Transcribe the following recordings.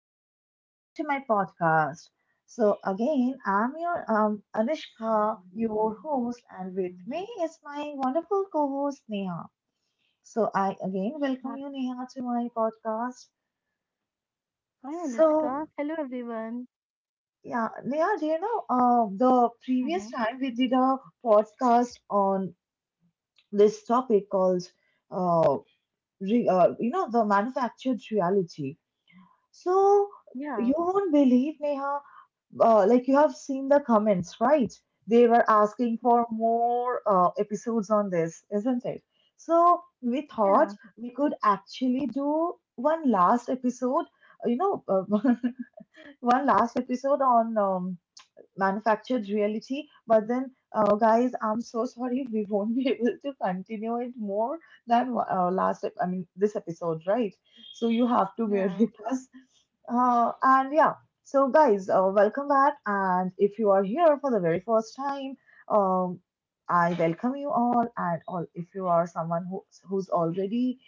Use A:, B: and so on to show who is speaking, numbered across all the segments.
A: and welcome back to my podcast. So again, I'm your Anushka, your host, and with me is my wonderful co-host Neha. So I again welcome you, Neha, to my podcast. So yeah, Neha, do you know the previous time we did a podcast on this topic called uh, you know the manufactured reality. So
B: Yeah,
A: you won't believe, Neha, like you have seen the comments, right? They were asking for more episodes on this, isn't it? So we thought
B: yeah,
A: we could actually do one last episode, you know, uh, one last episode on manufactured reality. But then, guys, I'm so sorry, we won't be able to continue it more than I mean, this episode, right? So you have to bear
B: yeah,
A: with us. And yeah, so guys, welcome back. And if you are here for the very first time, um, I welcome you all. And all, if you are someone who's already,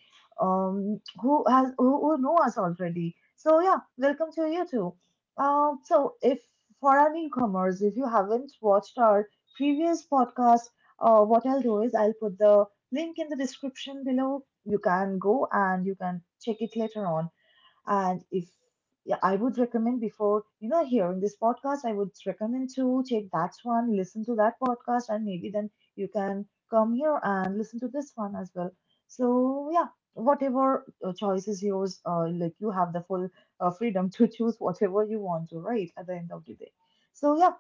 A: who know us already, so yeah, welcome to you too. So if for our newcomers, if you haven't watched our previous podcast, what I'll do is I'll put the link in the description below. You can go and you can check it later on. And if yeah, I would recommend before hearing this podcast, I would recommend to take that one, listen to that podcast, and maybe then you can come here and listen to this one as well. So yeah, whatever choice is yours, like you have the full freedom to choose whatever you want to, right? At the end of the day. So yeah,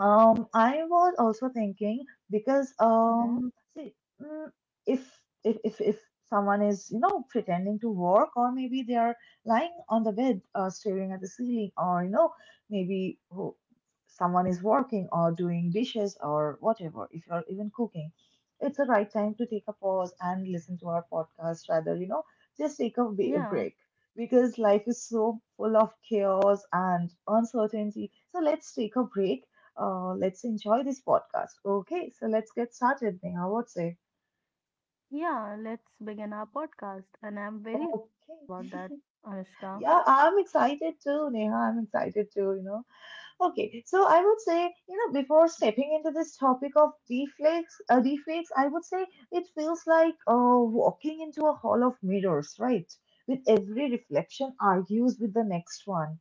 A: I was also thinking because
B: mhm,
A: see, mm, if if someone is pretending to work, or maybe they are lying on the bed, staring at the ceiling, or maybe someone is working or doing dishes or whatever. If you're even cooking, it's the right time to take a pause and listen to our podcast. Rather, just take a
B: yeah,
A: break because life is so full of chaos and uncertainty. So let's take a break. Let's enjoy this podcast. Okay, so let's get started, Neha. What's it?
B: yeah. Let's begin our podcast, and I'm very excited about
A: Okay.
B: that, Anushka.
A: Yeah, I'm excited too, Neha. I'm excited too. Okay, so I would say, before stepping into this topic of deflates, I would say it feels like walking into a hall of mirrors, right? With every reflection argues with the next one.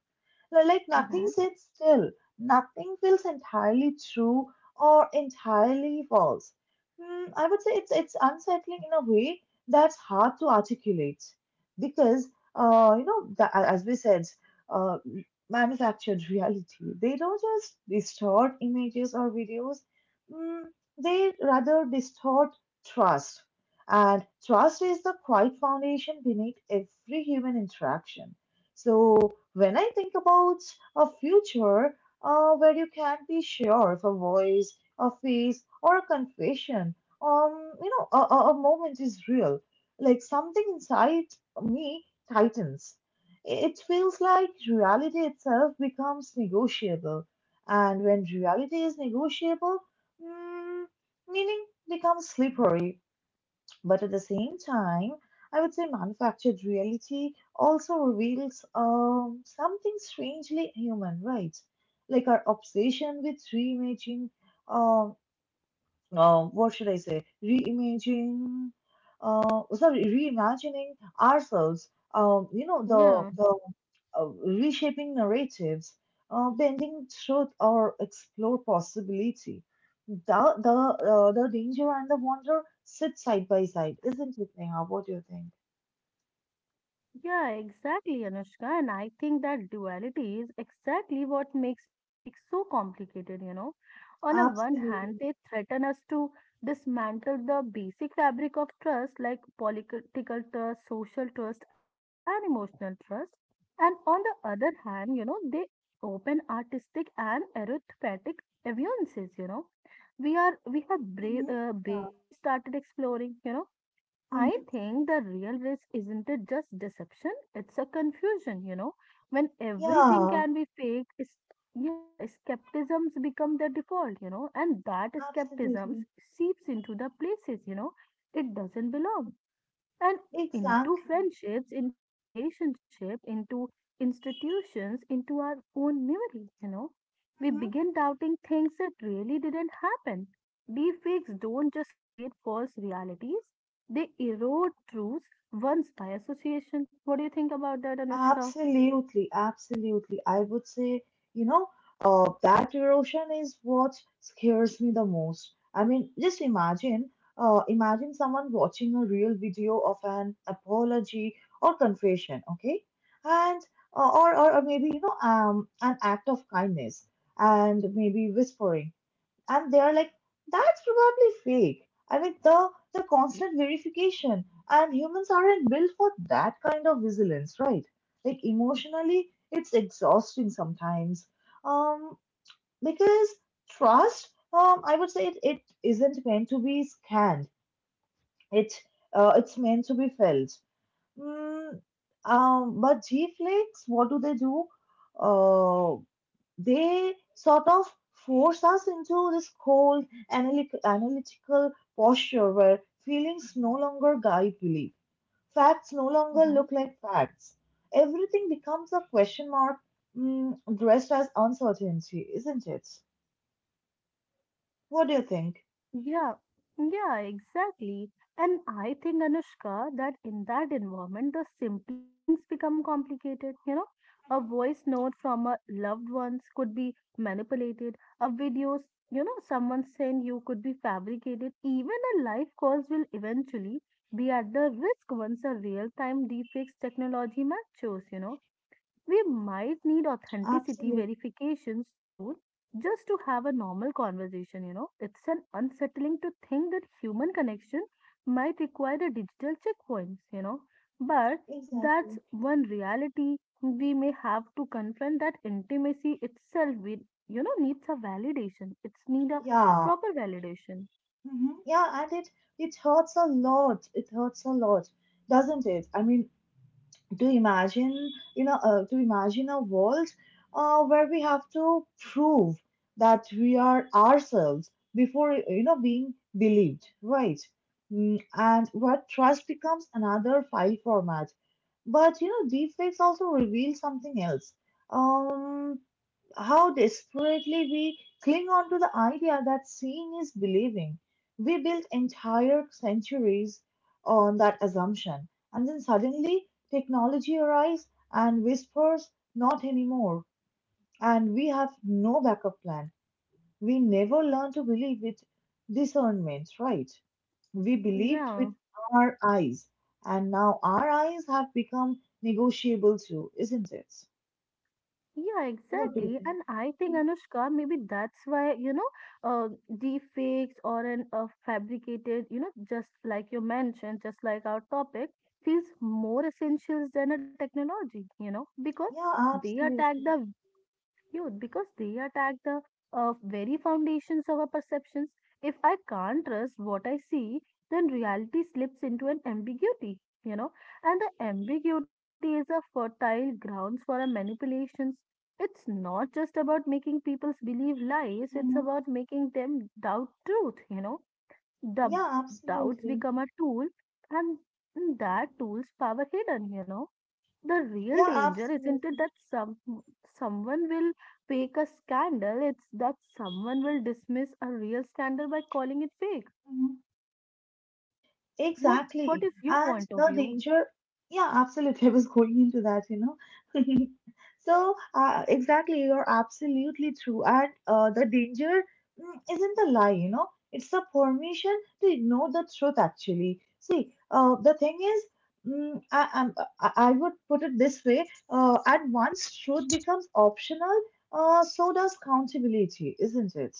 A: They're like nothing
B: Mm-hmm.
A: sits still. Nothing feels entirely true or entirely false. I would say it's unsettling in a way that's hard to articulate because as we said, uh, manufactured reality. They don't just distort images or videos. Mm, they rather distort trust. And trust is the quiet foundation beneath every human interaction. So, when I think about a future where you can't be sure of a voice, a face, or a confession, a moment is real. Like something inside me tightens. It feels like reality itself becomes negotiable. And when reality is negotiable, mm, meaning becomes slippery, but at the same time, I would say manufactured reality also reveals something strangely human, right? Like our obsession with reimagining, um, what should I say? Reimagining ourselves. You know,
B: Yeah.
A: the reshaping narratives, bending truth, or explore possibility. The the the danger and the wonder sit side by side, isn't it, Neha? What do you think?
B: Yeah, exactly, Anushka. And I think that duality is exactly what makes deepfakes so complicated, On a one hand,
A: Absolutely.
B: they threaten us to dismantle the basic fabric of trust, like political trust, social trust, and emotional trust. And on the other hand, they open artistic and arithmetic aviances, We have
A: Hmm. Yeah.
B: barely started exploring, I
A: Hmm.
B: think the real risk isn't it just deception? It's a confusion, When everything
A: Yeah.
B: can be fake, is yeah, skepticisms become the default, and that skepticism
A: Absolutely.
B: seeps into the places, it doesn't belong and into
A: Exactly.
B: friendships, into relationship, into institutions, into our own memory, We begin doubting things that really didn't happen. Deepfakes don't just create false realities, they erode truths once by association. What do you think about that, Anushka?
A: Absolutely, absolutely. I would say, you know, that erosion is what scares me the most. I mean, just imagine, imagine someone watching a real video of an apology or confession, okay, and or maybe an act of kindness, and maybe whispering, and they are like, that's probably fake. I mean, the constant verification, and humans aren't built for that kind of vigilance, right? Like, emotionally, it's exhausting sometimes. Um, because trust, I would say it isn't meant to be scanned. It it's meant to be felt. Mm, but G flakes, what do they do? Uh, they sort of force us into this cold analytical posture where feelings no longer guide belief, facts no longer
B: Mm-hmm.
A: look like facts, everything becomes a question mark, dressed as uncertainty, isn't it? What do you think?
B: Yeah, yeah, exactly. And I think, Anushka, that in that environment, the simplest things become complicated. A voice note from a loved ones could be manipulated, a videos, someone send you could be fabricated. Even a live calls will eventually be at the risk once a real-time deepfakes technology matures, We might
A: Mhm.
B: need
A: Absolutely.
B: authenticity verifications too, just to have a normal conversation, It's an unsettling to think that human connection might require a digital checkpoints, But
A: Exactly.
B: that's one reality we may have to confront that intimacy itself we needs a validation. It's need a
A: Yeah.
B: proper validation.
A: Mhm. Yeah, and it hurts a lot. It hurts a lot, doesn't it? I mean, to imagine a world where we have to prove that we are ourselves before being believed, right? And where trust becomes another file format. But deepfakes also reveal something else, um how desperately we cling on to the idea that seeing is believing. We built entire centuries on that assumption, and then suddenly technology arrives and whispers, "Not anymore." And we have no backup plan. We never learn to believe with discernment, right? We believed with
B: Yeah.
A: our eyes, and now our eyes have become negotiable too, isn't it?
B: Yeah,
A: What do you
B: exactly.
A: think?
B: And I think Anushka, maybe that's why, uh, deepfakes or an fabricated, just like you mentioned, just like our topic, feels more essentials than a technology, because
A: Yeah,
B: they attack
A: absolutely.
B: the youth because they attack the very foundations of our perceptions. If I can't trust what I see, then reality slips into an ambiguity, you know, and the ambiguity is a fertile grounds for our manipulations. It's not just about making people believe lies, it's
A: Mhm.
B: about making them doubt truth, Dub-
A: Yeah,
B: uh, doubts
A: absolutely.
B: become a tool, and that tool's power hidden, the real
A: Yeah,
B: danger isn't it
A: absolutely.
B: that someone will fake a scandal, it's that someone will dismiss a real scandal by calling it fake.
A: Mhm.
B: what what
A: Exactly.
B: is your
A: And
B: point of
A: the
B: view?
A: danger, yeah, absolutely. I was going into that. So, exactly, you're absolutely true. And the danger isn't the lie, it's the permission to ignore the truth, actually. See, the thing is, mm, I, I'm- I would put it this way, at once, truth becomes optional, so does accountability, isn't it?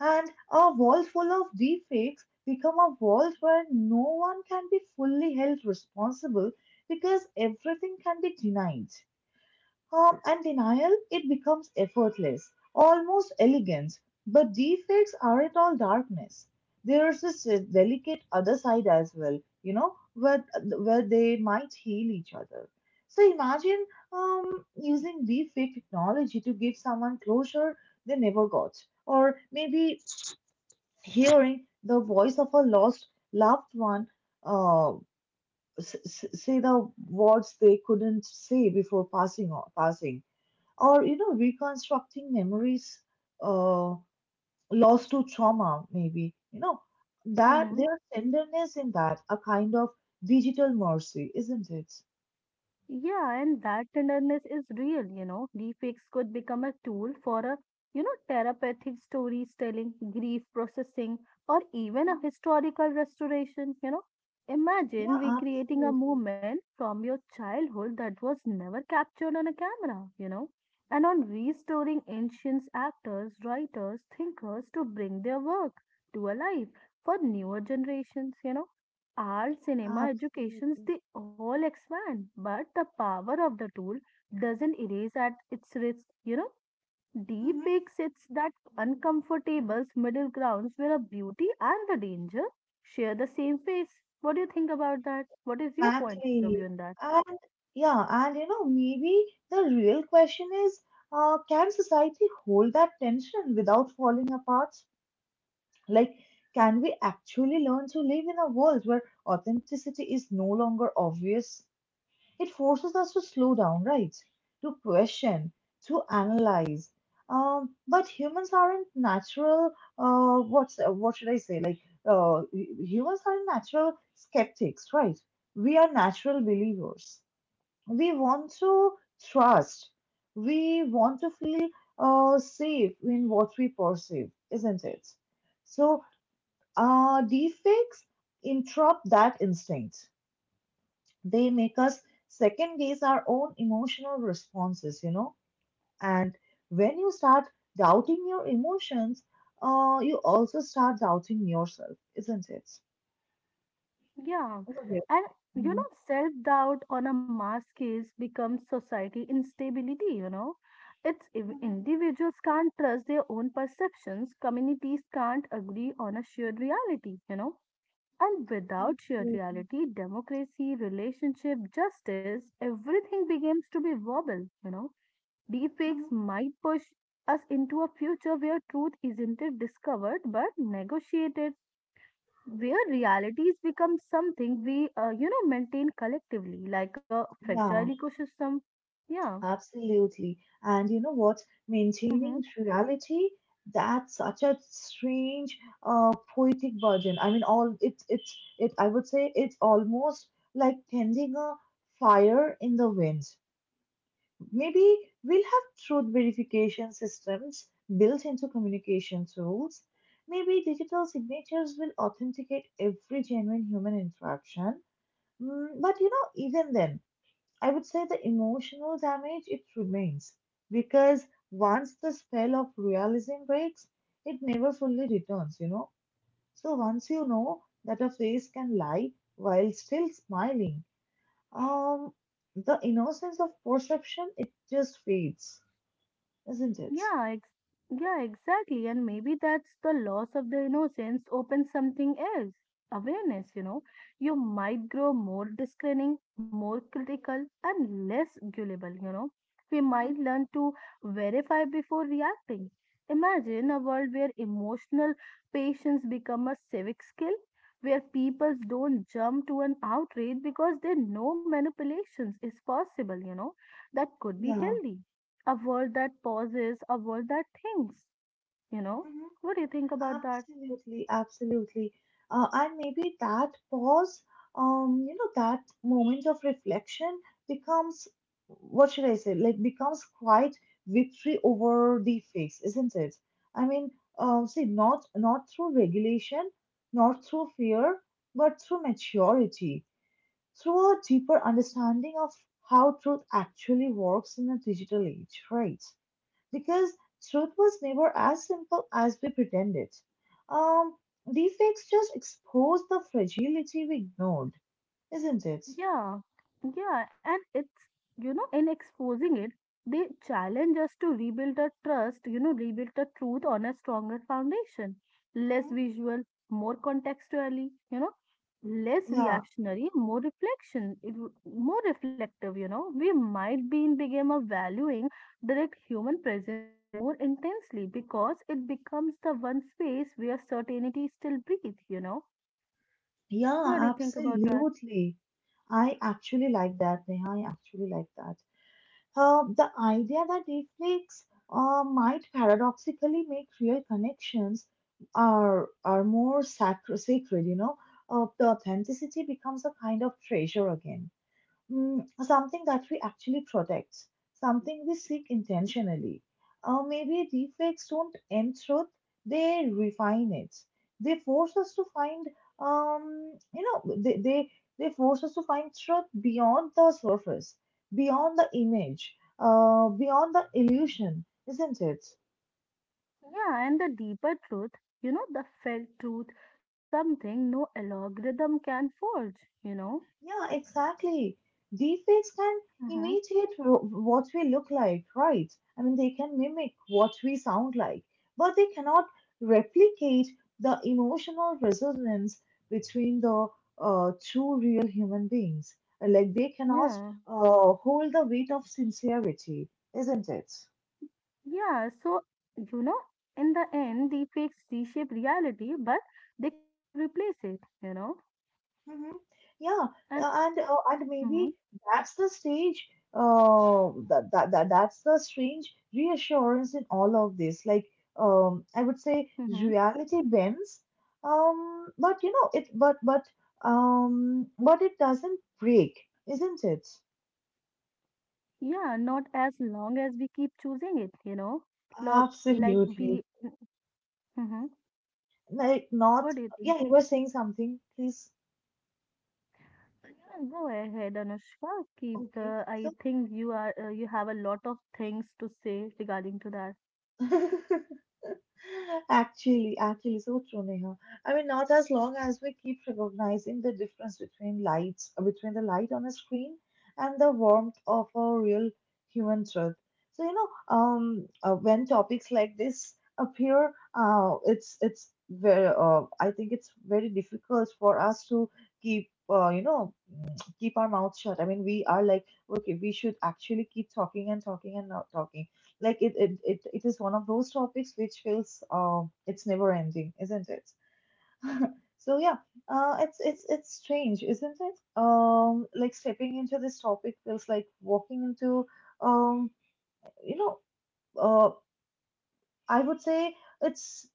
A: And a world full of deepfakes become a world where no one can be fully held responsible because everything can be denied. And denial, it becomes effortless, almost elegant. But deepfakes aren't all darkness. There's this delicate other side as well, where they might heal each other. So imagine using deepfake technology to give someone closure they never got, or maybe hearing the voice of a lost loved one, uh, say the words they couldn't say before passing on, passing or reconstructing memories uh, lost to trauma. Maybe that
B: Mm-hmm.
A: there's tenderness in that, a kind of digital mercy, isn't it?
B: Yeah, and that tenderness is real, Deepfakes could become a tool for a, therapeutic storytelling, grief processing, or even a
A: Mhm.
B: historical restoration,
A: Yeah,
B: Imagine recreating a
A: absolutely.
B: moment from your childhood that was never captured on a camera, and on restoring ancient actors, writers, thinkers to bring their work to a life for newer generations, Art, cinema, educations,
A: Absolutely.
B: they all expand, but the power of the tool doesn't erase at its risk. Deep fake sits that uncomfortable middle grounds where a beauty and the danger share the same face. What do you think about that? What is your point of view in
A: Exactly.
B: that?
A: And yeah, maybe the real question is, can society hold that tension without falling apart? Like, can we actually learn to live in a world where authenticity is no longer obvious? It forces us to slow down, right? To question, to analyze. But humans aren't natural. What should I say? Like, humans aren't natural skeptics, right? We are natural believers. We want to trust. We want to feel safe in what we perceive, isn't it? So, deepfakes interrupt that instinct. They make us second guess our own emotional responses. And when you start doubting your emotions, you also start doubting yourself, isn't it?
B: Yeah,
A: Isn't it?
B: and
A: Mhm.
B: self-doubt on a mass case becomes society instability, It's if
A: Mhm.
B: individuals can't trust their own perceptions, communities can't agree on a shared reality, And without shared
A: Absolutely.
B: reality, democracy, relationship, justice, everything begins to be wobble, Deepfakes
A: Mhm.
B: might push us into a future where truth isn't discovered but negotiated, where realities become something we maintain collectively like a fragile
A: Yeah,
B: ecosystem. Yeah.
A: absolutely. And you know what?
B: Mm-hmm.
A: Maintaining reality, that's such a strange, poetic burden. I mean, all it, it, it, I would say it's almost like tending a fire in the wind. Maybe we'll have truth verification systems built into communication tools. Maybe digital signatures will authenticate every genuine human interaction. But even then, I would say the emotional damage it remains, because once the spell of realism breaks, it never fully returns. So once you know that a face can lie while still smiling, um, the innocence of perception it just fades, isn't it?
B: Yeah, ex- yeah, exactly. And maybe that's the loss of the innocence opens something else. Awareness, You might grow more discerning, more critical, and less gullible, We
A: Mhm.
B: might learn to verify before reacting. Imagine a world where emotional patience become a civic skill, where people don't jump to an outrage because they know manipulations is possible, That could be
A: Yeah.
B: healthy, a world that pauses, a world that thinks, you know.
A: Mhm.
B: What do you think about that?
A: Absolutely, absolutely. And maybe that pause, that moment of reflection becomes, what should I say, like becomes quite victory over the fix, isn't it? I mean, see, not through regulation, not through fear, but through maturity, through a deeper understanding of how truth actually works in a digital age, right? Because truth was never as simple as we pretended. Um, Defects just expose the fragility we ignored, isn't it?
B: Yeah, yeah, and it's in exposing it, they challenge us to rebuild a trust, rebuild the truth on a stronger foundation, less
A: Hmm?
B: visual, more contextually, less
A: Yeah,
B: reactionary, more reflection, more reflective, We might be in became of valuing direct human presence more intensely because it becomes the one space where certainty still breathes, What do
A: yeah,
B: you think about that?
A: absolutely. I actually like that, Neha. I actually like that. The idea that defects might paradoxically make real connections are more sacred. The authenticity becomes a kind of treasure again. Something that we actually protect, something we seek intentionally. Or maybe deepfakes don't end truth, they refine it. They force us to find, you know, they force us to find truth beyond the surface, beyond the image, beyond the illusion, isn't it?
B: Yeah, and the deeper truth, the felt truth is something no algorithm can forge, you know.
A: Yeah, exactly. Deepfakes can
B: Mm-hmm.
A: imitate what we look like, right? I mean, they can mimic what we sound like, but they cannot replicate the emotional resonance between the two real human beings. Like, they cannot
B: Yeah,
A: hold the weight of sincerity, isn't it?
B: yeah. So, you know, in the end, deepfakes reshape reality, but they cannot replace it,
A: Mm-hmm. Yeah,
B: And,
A: and
B: mm-hmm,
A: maybe that's the stage. That's the strange reassurance in all of this. Like, I would say
B: mm-hmm.
A: reality bends. But you know it. But it doesn't break, isn't it?
B: Yeah, not as long as we keep choosing it, Look, like
A: Absolutely.
B: we, mm-hmm,
A: Like not.
B: what do you think?
A: Yeah, you were saying something, please.
B: Yeah, go ahead, Anushka. Keep
A: Okay.
B: the. I
A: So,
B: think you are you have a lot of things to say regarding to that.
A: Actually, so true, Neha. I mean, not as long as we keep recognizing the difference between lights, between the light on a screen and the warmth of a real human truth. So, when topics like this appear, it's I think it's very difficult for us to keep, keep our mouth shut. I mean, we are like, okay, we should actually keep talking and talking and not talking. Like it is one of those topics which feels it's never ending, isn't it? So yeah, it's it's strange, isn't it? Like stepping into this topic feels like walking into um, you know, uh, I would say it's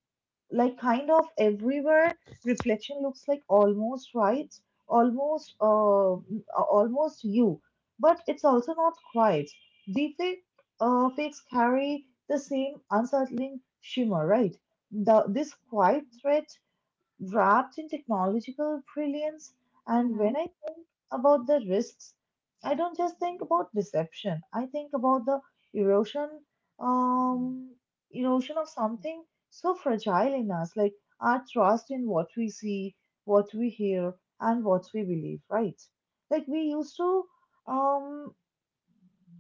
A: like kind of everywhere. Reflection looks like almost right, almost uh m- almost you, but it's also not quite deepfake. Fakes carry the same unsettling shimmer, right? The this quiet threat wrapped in technological brilliance. And when
B: Mm-hmm.
A: I about the risks, I don't just think about deception. I think about the erosion, um, erosion of something so fragile in us, like our trust in what we see, what we hear, and what we believe. Right? Like um,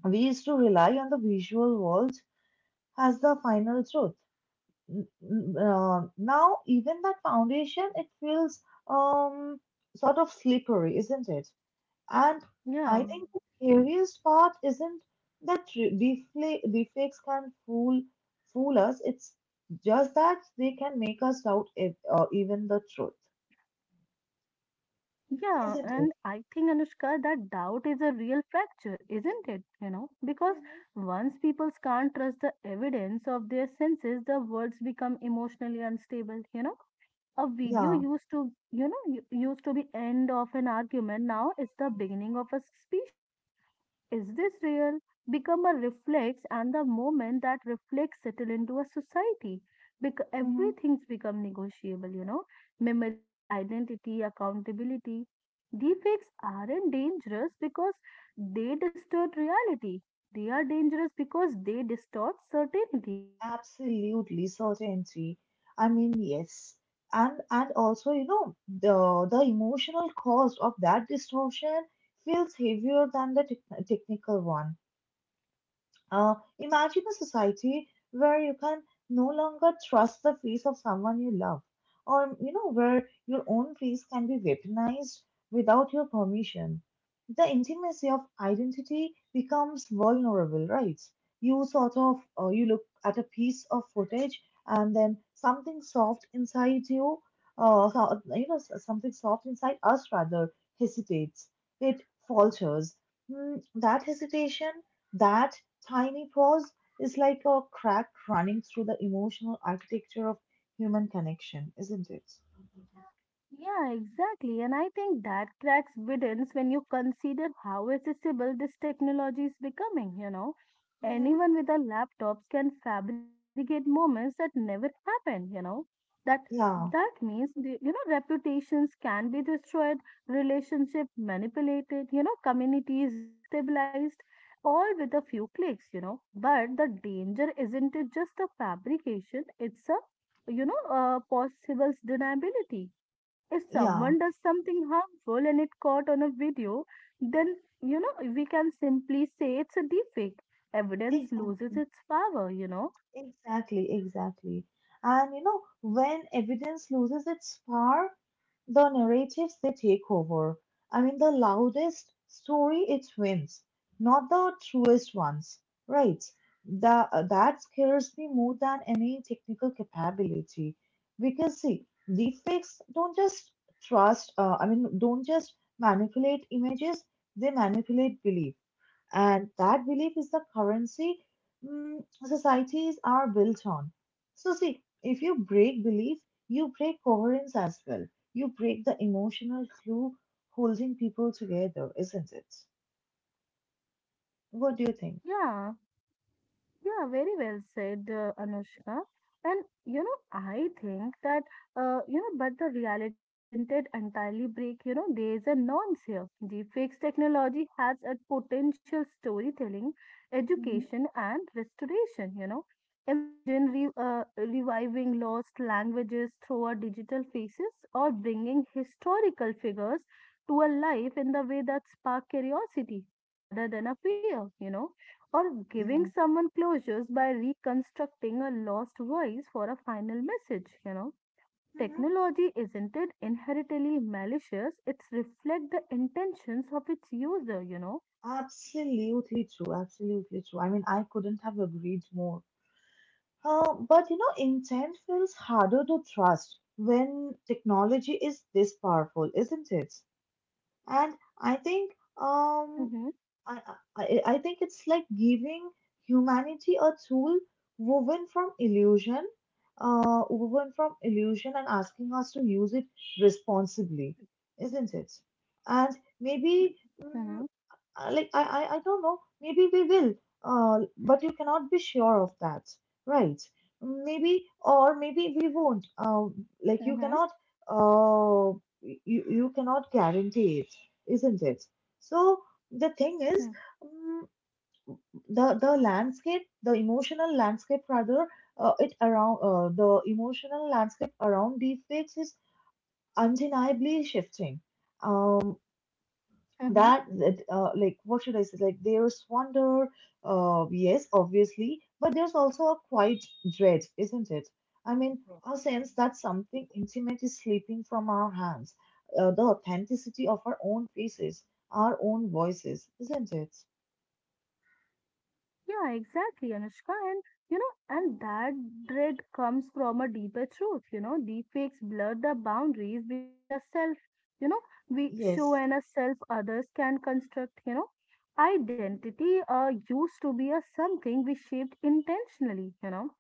A: we used to rely on the visual world as the final truth. Now, even that foundation, it feels um, sort of slippery, isn't it? And I
B: Yeah,
A: think the scariest part isn't that deepfakes can fool us. It's just that they can make us doubt if, even the truth,
B: yeah, and
A: isn't it?
B: I think Anushka, that doubt is a real fracture, isn't it? Because
A: Mm-hmm.
B: once people can't trust the evidence of their senses, the words become emotionally unstable. A video
A: Yeah,
B: used to, used to be end of an argument. Now it's the beginning of a suspicion. Is this real? Become a reflex, and the moment that reflex settle into a society, because
A: hmm,
B: everything's become negotiable, memory, identity, accountability. Deepfakes aren't dangerous because they distort reality. They are dangerous because they distort certainty,
A: absolutely certainty. I mean, yes, and also you know the emotional cost of that distortion feels heavier than the technical one. Imagine a society where you can no longer trust the face of someone you love, or you know, where your own face can be weaponized without your permission. The intimacy of identity becomes vulnerable, right? You sort of you look at a piece of footage, and then something soft inside you, you know, something soft inside us rather hesitates. It falters. Mm, that hesitation, that Tiny Paws is like a crack running through the emotional architecture of human connection, isn't it?
B: Yeah, exactly. And I think that cracks widens when you consider how accessible this technology is becoming,
A: Hmm.
B: Anyone with a laptop can fabricate moments that never happened, That
A: Yeah,
B: that means the, reputations can be destroyed, relationship manipulated, communities destabilized, all with a few clicks, But the danger isn't it just a fabrication, it's a possible deniability if
A: yeah,
B: someone does something harmful and it caught on a video, then we can simply say it's a deepfake. Evidence
A: exactly.
B: loses its power,
A: Exactly, exactly. And you know, when evidence loses its power, the narratives they take over. I mean, the loudest story it wins, not the truest ones, right? The that scares me more than any technical capability, because see, deepfakes don't just trust. I mean, don't just manipulate images; they manipulate belief, and that belief is the currency mm societies are built on. So, see, if you break belief, you break coherence as well. You break the emotional glue holding people together, isn't it? What do you think?
B: Yeah. Yeah, very well said, Anushka. And I think that but the reality isn't it entirely break. You know, there is a nuance here. The fixed technology has a potential storytelling,
A: Hmm.
B: education, and restoration. Imagine re reviving lost languages through our digital faces, or bringing historical figures to a life in the way that spark curiosity rather than a fear. Or giving
A: Yeah.
B: someone closures by reconstructing a lost voice for a final message,
A: Mhm.
B: technology isn't it inherently malicious, it's reflect the intentions of its user,
A: Absolutely true. Absolutely true. I mean, I couldn't have agreed more. But you know, intent feels harder to trust when technology is this powerful, isn't it? And I think.
B: mm-hmm,
A: I, I think it's like giving humanity a tool woven from illusion, woven from illusion, and asking us to use it responsibly, isn't it? And maybe,
B: mm-hmm,
A: mm, like I don't know, maybe we will, but you cannot be sure of that, right? Maybe, or maybe we won't, like you
B: mm-hmm,
A: cannot you, you cannot guarantee it, isn't it? So the thing is um, the landscape, the emotional landscape rather, it around the emotional landscape around deepfakes is undeniably shifting. um
B: mm-hmm.
A: that that Like what should I say? Like there's wonder, yes, obviously, but there's also a quiet dread, isn't it? I mean, a sense that something intimate is slipping from our hands, the authenticity of our own faces, our own voices, isn't it?
B: Yeah, exactly, Anushka. And and
A: Mhm.
B: that dread comes from a deeper truth. You know, deepfakes blur the boundaries between the self, you know, we show
A: Yes,
B: and a self others can construct. Identity used to be a something we shaped intentionally. You know,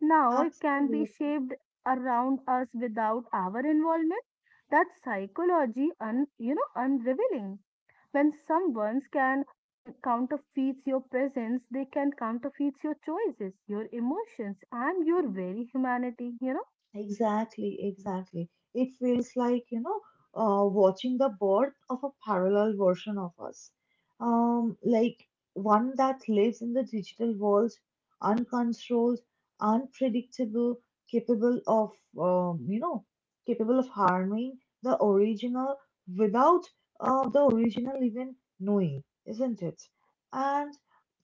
B: now it can be
A: absolutely.
B: shaped around us without our involvement. That psychology, unrevealing. When someone can counterfeit your presence, they can counterfeit your choices, your emotions, and your
A: Mm-hmm.
B: very humanity.
A: Exactly, exactly. It feels like, you know, watching the birth of a parallel version of us. Like one that lives in the digital world, uncontrolled, unpredictable, capable of, um, you know, capable of harming the original without the original even knowing, isn't it? And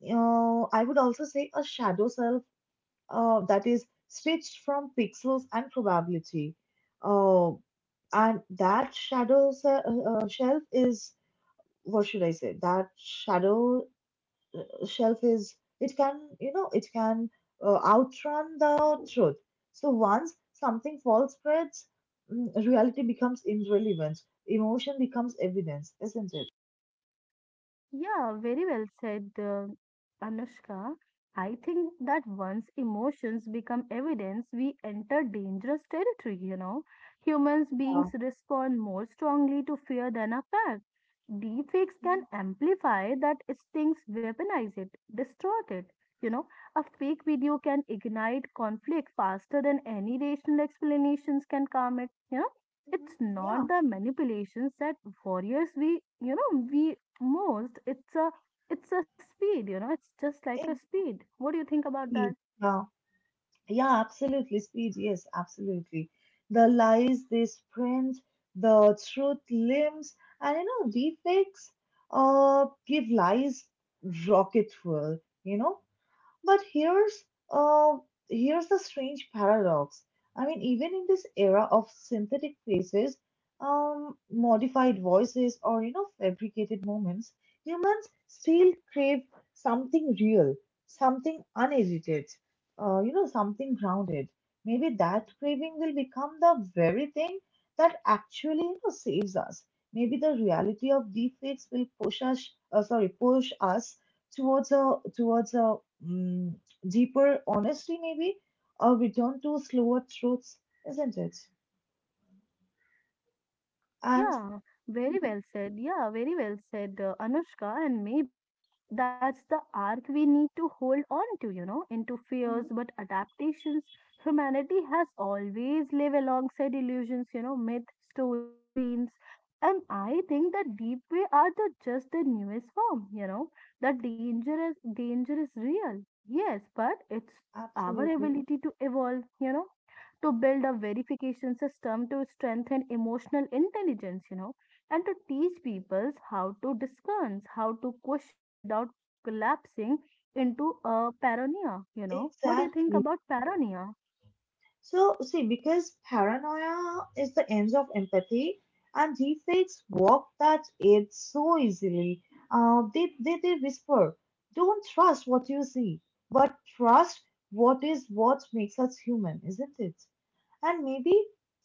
A: I would also say a shadow self that is stitched from pixels and probability. Uh, and that shelf is, what should I say? That shadow shelf is, it can, you know, it can outrun the truth. So once something false spreads, mm, reality becomes irrelevant. Emotion becomes evidence, isn't it?
B: Yeah, very well said, Anushka. I think that once emotions become evidence, we enter dangerous territory, Humans
A: Yeah.
B: beings respond more strongly to fear than a fact. Deepfakes can
A: Mhm.
B: amplify that instincts, weaponize it, distort it. You know, a fake video can ignite conflict faster than any rational explanations can calm it.
A: Mhm.
B: It's
A: Yeah.
B: not the manipulations that warriors we, most, it's a, it's a speed, it's just like a speed. What do you think about
A: Indeed.
B: that?
A: Yeah. Yeah, absolutely, speed. Yes, absolutely. The lies they print, the truth limbs, and you know, deepfakes give lies rocket fuel, you know, but here's uh, here's the strange paradox. I mean, even in this era of synthetic faces, modified voices, or you know, fabricated moments, humans still crave something real, something unedited, you know, something grounded. Maybe that craving will become the very thing that actually, you know, saves us. Maybe the reality of deepfakes will push us, push us towards a towards a mm deeper honesty, maybe a return to slower truths, isn't it? And
B: Yeah, very
A: mhm,
B: well said. Anushka. And maybe that's the arc we need to hold on to, into
A: mhm,
B: fears but adaptations. Humanity has always lived alongside illusions, myth, stories, dreams. And I think that deep way are the just the newest form, The danger is real. Yes, but it's our
A: absolutely,
B: ability to evolve, to build a verification system to strengthen emotional intelligence, and to teach people how to discern, how to questions without collapsing into a paranoia, What do you think
A: exactly.
B: about paranoia?
A: So see, because paranoia is the end of empathy, and deepfakes walk that edge so easily. They whisper, don't trust what you see, but trust what is, what makes us human, isn't it? And maybe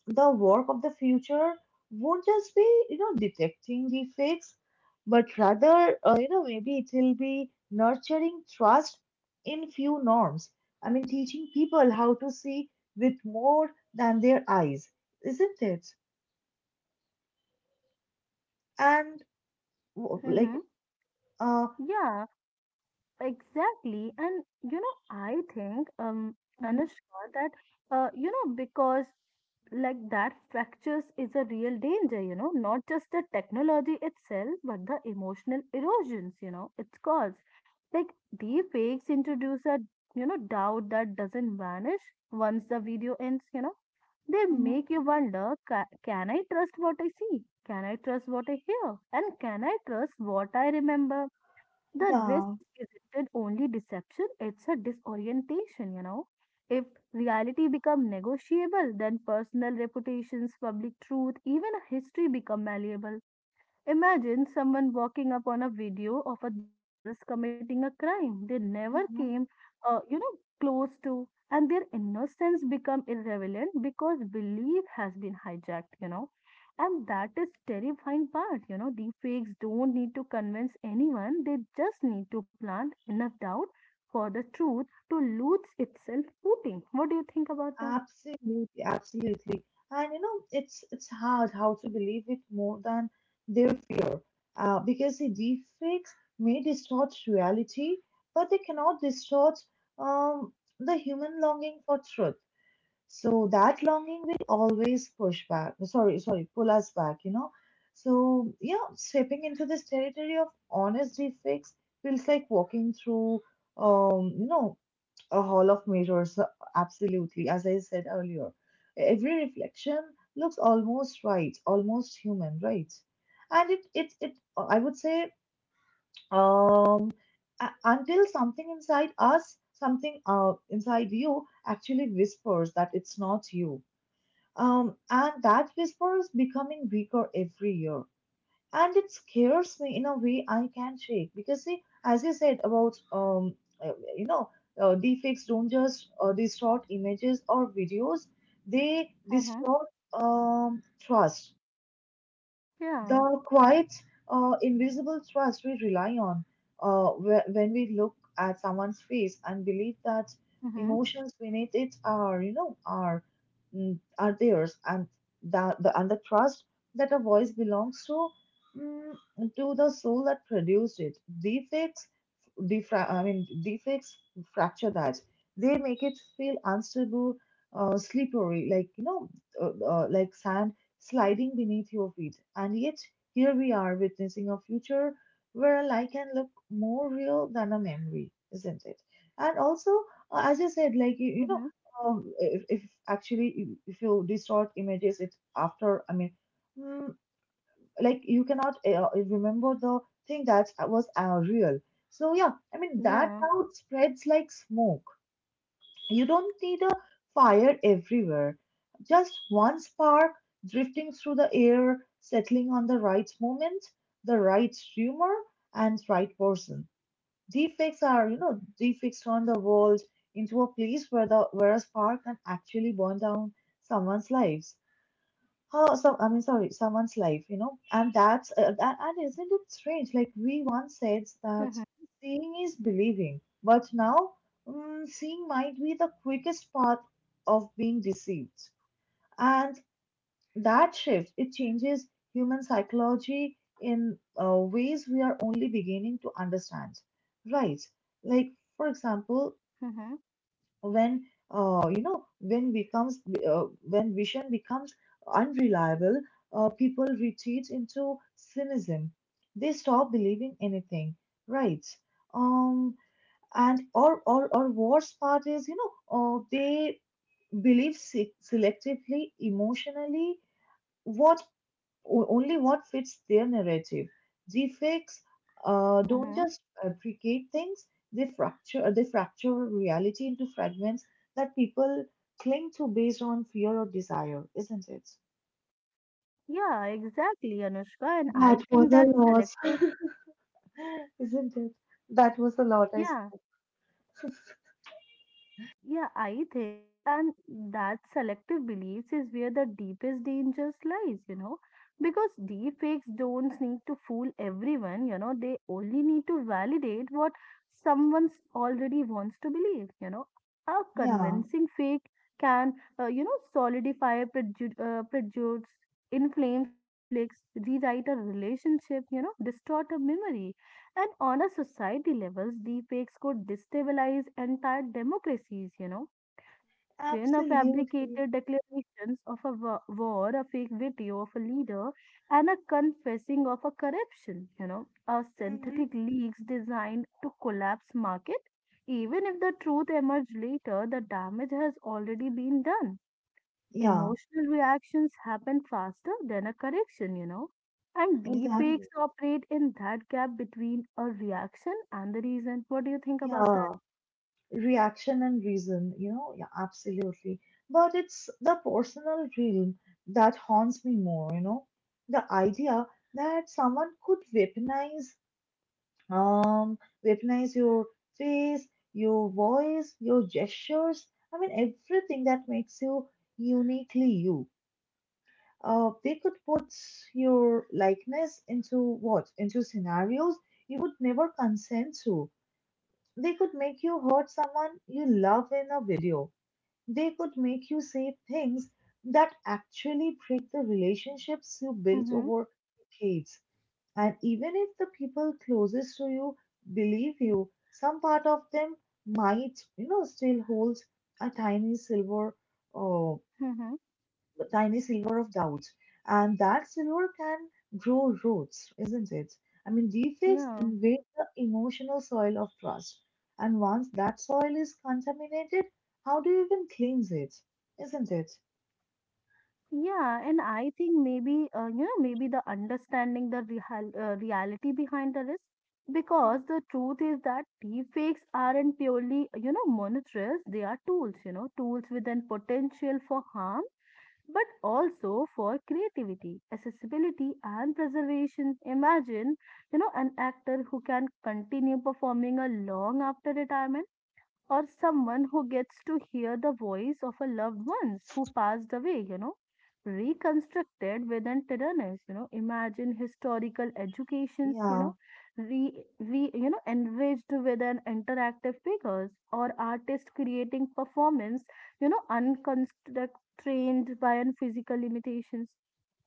A: the work of the future won't just be, you know, detecting the fakes, but rather, you know, maybe it will be nurturing trust in few norms. I mean, teaching people how to see with more than their eyes, isn't it? And like,
B: Mm-hmm.
A: uh,
B: Yeah, exactly. And I think,
A: Mm-hmm.
B: Anushka, that because like that fractures is a real danger, not just the technology itself, but the emotional erosions, it's caused. Like deepfakes introduce a doubt that doesn't vanish once the video ends, They
A: Mm-hmm,
B: make you wonder, can I trust what I see? Can I trust what I hear? And can I trust what I remember? The risk
A: yeah.
B: isn't only deception, it's a disorientation, If reality become negotiable, then personal reputations, public truth, even a history become malleable. Imagine someone walking up on a video of a themselves committing a crime they never
A: Mm-hmm.
B: came, uh, you know, close to, and their innocence become irrelevant because belief has been hijacked, you know. And that is terrifying part, you know. Deepfakes don't need to convince anyone; they just need to plant enough doubt for the truth to lose itself footing. What do you think about that?
A: Absolutely, absolutely. And you know, it's hard how to believe it more than their fear, because the deepfakes may distort reality, but they cannot distort um, the human longing for truth. So that longing will always push back. Sorry, sorry, pull us back. You know. So yeah, stepping into this territory of honest deepfakes feels like walking through, um, you know, a hall of mirrors, absolutely. As I said earlier, every reflection looks almost right, almost human, right? And it, it, it. I would say, um, a- until something inside us, something inside you, actually whispers that it's not you. And that whisper is becoming weaker every year, and it scares me in a way I can't shake, because see, as you said about uh, you know, deepfakes don't just distort images or videos; they
B: Mm-hmm.
A: distort trust,
B: Yeah.
A: the quiet, invisible trust we rely on when we look at someone's face and believe that
B: Mm-hmm.
A: emotions beneath it are, you know, are mm are theirs, and that the trust that a voice belongs to mm to the soul that produced it. Deepfakes, I mean defects, fracture that. They make it feel unstable, slippery, like you know, like sand sliding beneath your feet. And yet here we are witnessing a future where a lie can look more real than a memory, isn't it? And also, as I said, like you know,
B: Mm-hmm.
A: if actually if you distort images, it after I mean. Mm, like you cannot remember the thing that was real. So yeah, I mean that
B: Yeah.
A: doubt spreads like smoke. You don't need a fire everywhere, just one spark drifting through the air, settling on the right moment, the right humor, and right person. Defects are, you know, defects on the world into a place where the where a spark can actually burn down someone's life. Oh, so I mean, sorry, someone's life, you know, and that's and isn't it strange? Like we once said that
B: Mm-hmm.
A: seeing is believing, but now mm, seeing might be the quickest path of being deceived, and that shift it changes human psychology in ways we are only beginning to understand, right? Like for example, when you know when becomes when vision becomes unreliable, people retreat into cynicism, they stop believing anything, right? um and or worst part is, you know, they believe selectively, emotionally, what only what fits their narrative. Deepfakes don't
B: Mm-hmm.
A: just fabricate things; they fracture reality into fragments that people cling to based on fear or desire, isn't it?
B: Yeah, exactly, Anushka. And
A: That
B: I
A: was
B: think
A: a
B: that
A: lot.
B: selective,
A: Isn't it? That was a lot I
B: yeah,
A: spoke.
B: yeah, I think, and that selective beliefs is where the deepest dangers lies, you know, because deep fakes don't need to fool everyone, you know, they only need to validate what someone's already wants to believe, you know. A
A: Yeah,
B: convincing fake can, solidify prejudice, inflames conflicts, rewrite a relationship, you know, distort a memory. And on a society levels, deepfakes could destabilize entire democracies, you know. Imagine a
A: absolutely.
B: fabricated declarations of a war, a fake video of a leader, and a confessing of a corruption, you know, a
A: Hmm.
B: synthetic leaks designed to collapse market. Even if the truth emerge later, the damage has already been done.
A: Yeah,
B: Emotional reactions happen faster than a correction, you know. And
A: exactly.
B: deepfakes operate in that gap between a reaction and the reason. What do you think about that?
A: Yeah. Reaction and reason. Yeah, absolutely. But it's the personal realm that haunts me more. The idea that someone could um weaponize your face, your voice, your gestures. I mean, everything that makes you uniquely you. They could put your likeness into what into scenarios you would never consent to. They could make you hurt someone you love in a video. They could make you say things that actually break the relationships you built
B: Mm-hmm.
A: over decades. And even if the people closest to you believe you, some part of them might, still holds a uh,
B: Mm-hmm.
A: tiny silver of doubt. And that silver can grow roots, isn't it? I mean, deepfakes
B: Yeah.
A: invade the emotional soil of trust. And once that soil is contaminated, how do you even cleanse it? Isn't it?
B: Yeah, and I think maybe, you know, maybe the understanding the real, reality behind the risk, because the truth is that deepfakes aren't purely, you know, monitors. They are tools, you know, tools with an potential for harm but also for creativity, accessibility, and preservation. Imagine, you know, an actor who can continue performing a long after retirement or someone who gets to hear the voice of a loved ones who passed away, you know, reconstructed within tyrannus, you know, imagine historical educations, you
A: Yeah,
B: know, re, re you know enriched with an interactive figures or artists creating performance, you know, unconstrained by an physical limitations.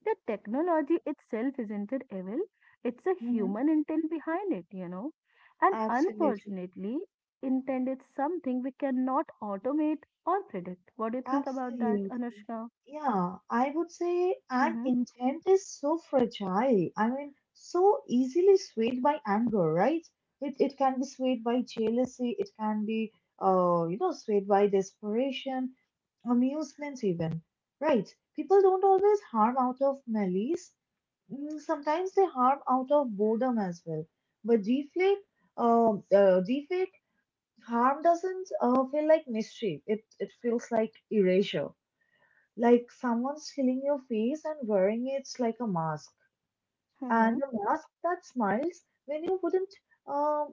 B: The technology itself isn't an evil, it's a
A: hmm
B: human intent behind it, you know. And
A: absolutely.
B: unfortunately, intent is something we cannot automate or predict. What do you think about that,
A: Absolutely.
B: Anushka?
A: Yeah, I would say, and
B: Mm-hmm,
A: intent is so fragile. I mean, so easily swayed by anger, right? It can be swayed by jealousy. It can be, swayed by desperation, amusement, even, right? People don't always harm out of malice. Sometimes they harm out of boredom as well. But deflate harm doesn't feel like mischief. It feels like erasure, like someone's filling your face and wearing it like a mask,
B: mm-hmm,
A: and a mask that smiles when you wouldn't, um,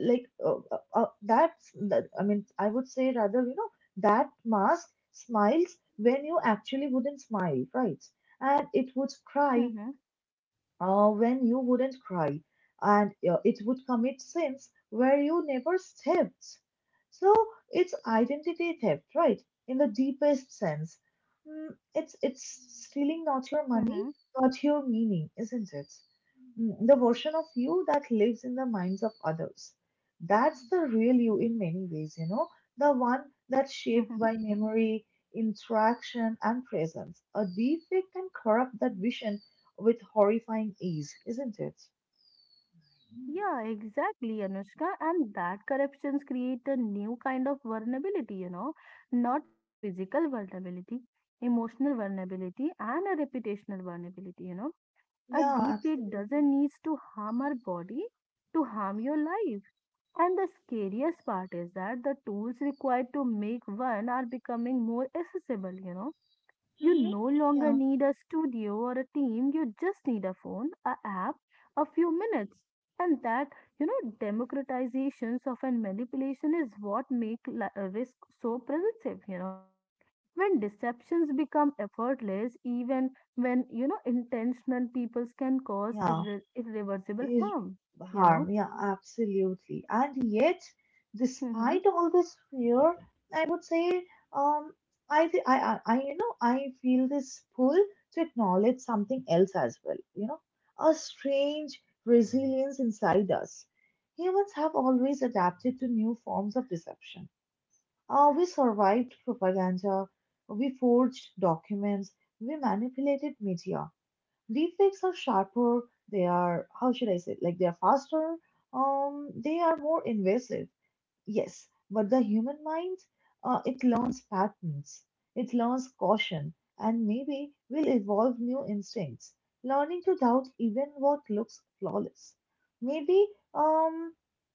A: like that's that. I mean, I would say rather, that mask smiles when you actually wouldn't smile, right? And it would cry
B: mm-hmm,
A: when you wouldn't cry, and it would commit sins where you never stepped. So it's identity theft, right? In the deepest sense, it's stealing not your money
B: mm-hmm,
A: but your meaning, isn't it? The version of you that lives in the minds of others. That's the real you in many ways, the one that's shaped
B: mm-hmm.
A: by memory, interaction, and presence. A defect can corrupt that vision with horrifying ease, isn't it?
B: Yeah, exactly, Anushka. And that corruptions create a new kind of vulnerability, you know, not a physical vulnerability, emotional vulnerability, and a reputational vulnerability, you know. A
A: Yeah,
B: deepfake
A: absolutely.
B: doesn't need to harm our body to harm your life. And the scariest part is that the tools required to make one are becoming more accessible, you know. You
A: Mm-hmm.
B: no longer
A: Yeah,
B: need a studio or a team, you just need a phone, a app, a few minutes. And that, you know, democratizations of and manipulation is what make risk so pervasive, you know, when deceptions become effortless even when, you know, intentional peoples can cause
A: yeah,
B: irreversible
A: is
B: harm, you
A: harm.
B: know.
A: Yeah, absolutely. And yet,
B: Mhm.
A: despite all this fear, I would say, um, I, th- I, you know, I feel this pull to acknowledge something else as well. You know, a strange resilience inside us. Humans have always adapted to new forms of deception. We survived propaganda, we forged documents, we manipulated media. Deepfakes are sharper, they are, how should I say, like they are faster, they are more invasive. Yes, but the human mind, it learns patterns, it learns caution, and maybe will evolve new instincts, learning to doubt even what looks flawless. Maybe, um,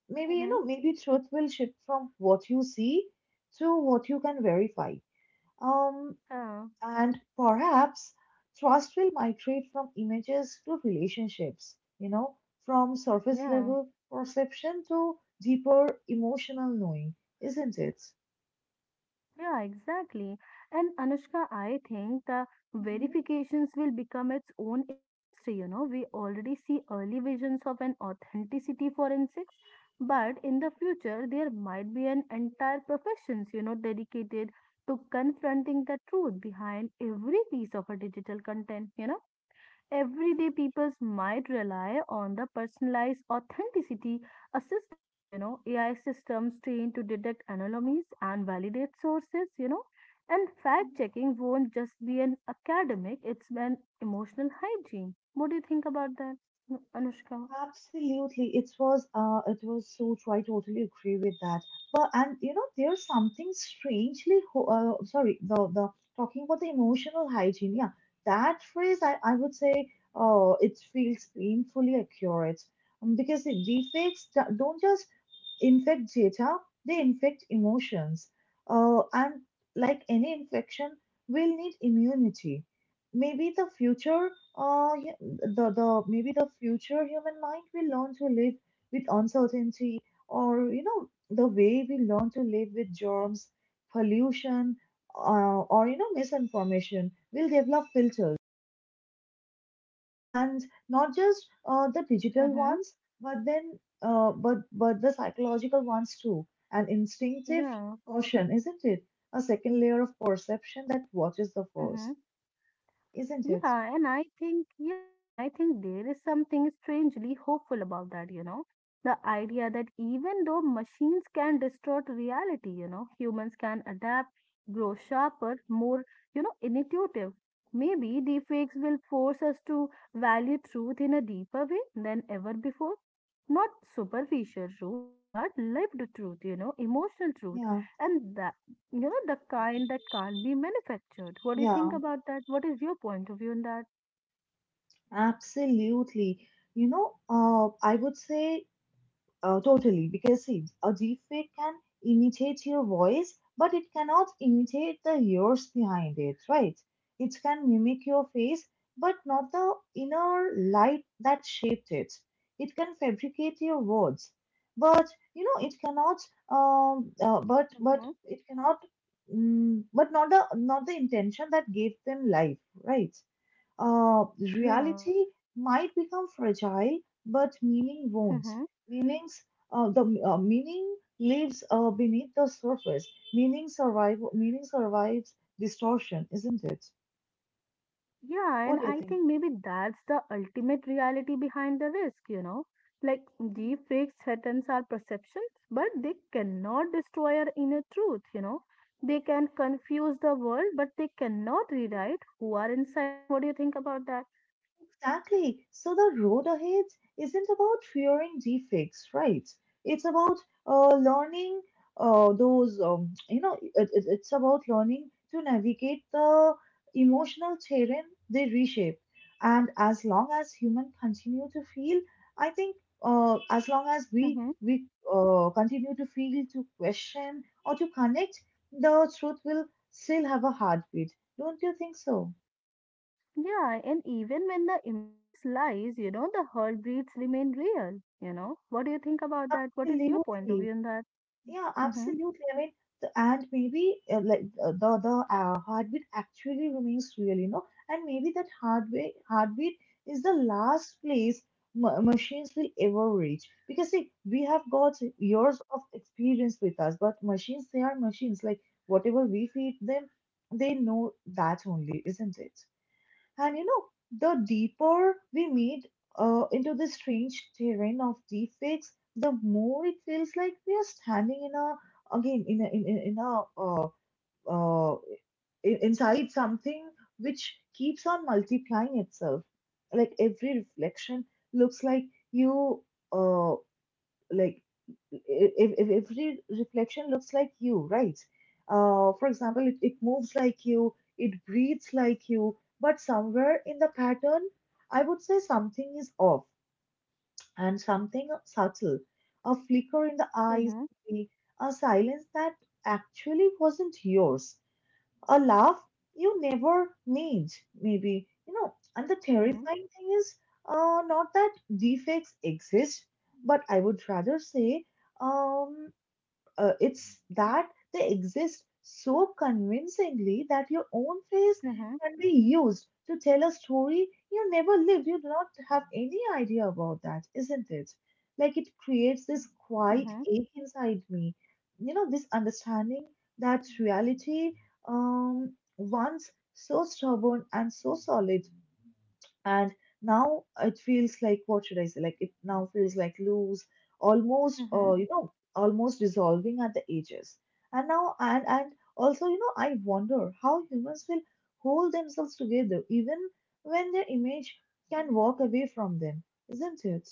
A: maybe you
B: Mhm.
A: know, maybe truth will shift from what you see to what you can verify. Um,
B: uh,
A: and perhaps trust will migrate from images to relationships, you know, from surface
B: yeah.
A: level perception to deeper emotional knowing, isn't it?
B: Yeah, exactly. And Anushka, I think the
A: Mhm,
B: verifications will become its own industry. You know, we already see early visions of an authenticity forensics, but in the future, there might be an entire professions, you know, dedicated to confronting the truth behind every piece of a digital content, you know,
A: mhm,
B: everyday peoples might rely on the personalized authenticity assistance, you know, ai systems trained to detect anomalies and validate sources, you know, and fact
A: mhm.
B: checking won't just be an academic, it's an emotional hygiene. What do you think about that, anushka?
A: Absolutely, it was so true. I totally agree with that. But, there's something strangely sorry, the talking about the emotional hygiene. Yeah, that phrase I would say, it feels painfully accurate, because the defects don't just infect data; they infect emotions. And like any infection, we'll need immunity. Maybe the future human mind will learn to live with uncertainty, or the way we learn to live with germs, pollution, or misinformation. We will develop filters, and not just the digital
B: Mm-hmm.
A: ones, but then but the psychological ones too. And instinctive
B: Yeah.
A: caution, isn't it? A second layer of perception that watches the force,
B: Mm-hmm.
A: isn't it?
B: Yeah, and I think, yeah, and I think there is something strangely hopeful about that, you know. The idea that even though machines can distort reality, you know, humans can adapt, grow sharper, more, you know, intuitive. Maybe deepfakes will force us to value truth in a deeper way than ever before. Not superficial truth, but lived truth, you know, emotional truth.
A: Yeah,
B: And that, you know, the kind that can't be manufactured. What do you think
A: yeah.
B: about that? What is your point of view on that?
A: Absolutely. You know, I would say, totally, because see, a deepfake can imitate your voice, but it cannot imitate the years behind it, right? It can mimic your face, but not the inner light that shaped it. It can fabricate your words, but it cannot. But
B: Mm-hmm.
A: it cannot. But not the intention that gave them life, right?
B: Yeah.
A: Reality might become fragile, but meaning won't.
B: Hmm.
A: Meanings, meaning lives beneath the surface. Meaning survives distortion, isn't it?
B: Yeah, and
A: What do you
B: I
A: think?
B: think maybe that's the ultimate reality behind the risk, you know, like deep fakes threatens our perceptions but they cannot destroy our inner truth, you know, they can confuse the world but they cannot rewrite who are inside. What do you think about
A: Exactly. So the road ahead isn't about fearing defects, right? It's about learning, those, you know, it- it's about learning to navigate the emotional terrain they reshape. And as long as humans continue to feel, I think, as long as we
B: that?
A: we uh, continue to feel, to question, or to connect, the truth will still have a heartbeat. Don't you think so?
B: Yeah, and even when the images lies, you know, the herd breeds remain real, you know. What do you think about that? What is your point of
A: Absolutely.
B: view on that?
A: Yeah,
B: Mm-hmm.
A: absolutely. I mean, the, and maybe like the heartbeat actually remains real, you know, and maybe that heartbeat is the last place machines will ever reach, because see, we have got
B: Mm-hmm.
A: years of experience with us, but machines, they are machines. Like whatever we feed them, they know that only, isn't it? And you know, the deeper we meet into the strange terrain of deepfakes, the more it feels like we are standing in a again in a in, in, uh, inside something which keeps on multiplying itself. Like every reflection looks like you, uh, like if every reflection looks like you, right? For example, it moves like you, it breathes like you, but somewhere in the pattern, I would say something is off, and something subtle: a flicker in the eyes,
B: Mm-hmm.
A: a silence that actually wasn't yours, a laugh you never need, maybe. You know, and the
B: Mm-hmm.
A: terrifying thing is, not that defects exist, but I would rather say, um, it's that they exist so convincingly that your own face
B: Mm-hmm.
A: can be used to tell a story you never lived. You do not have any idea about that, isn't it? Like it creates this quiet
B: Mm-hmm.
A: ache inside me. You know, this understanding that reality, once so stubborn and so solid, and now it feels like, what should I say? Like it now feels like loose, almost,
B: Mm-hmm.
A: almost dissolving at the edges. And now, and also, I wonder how humans will hold themselves together even when their image can walk away from them, isn't it?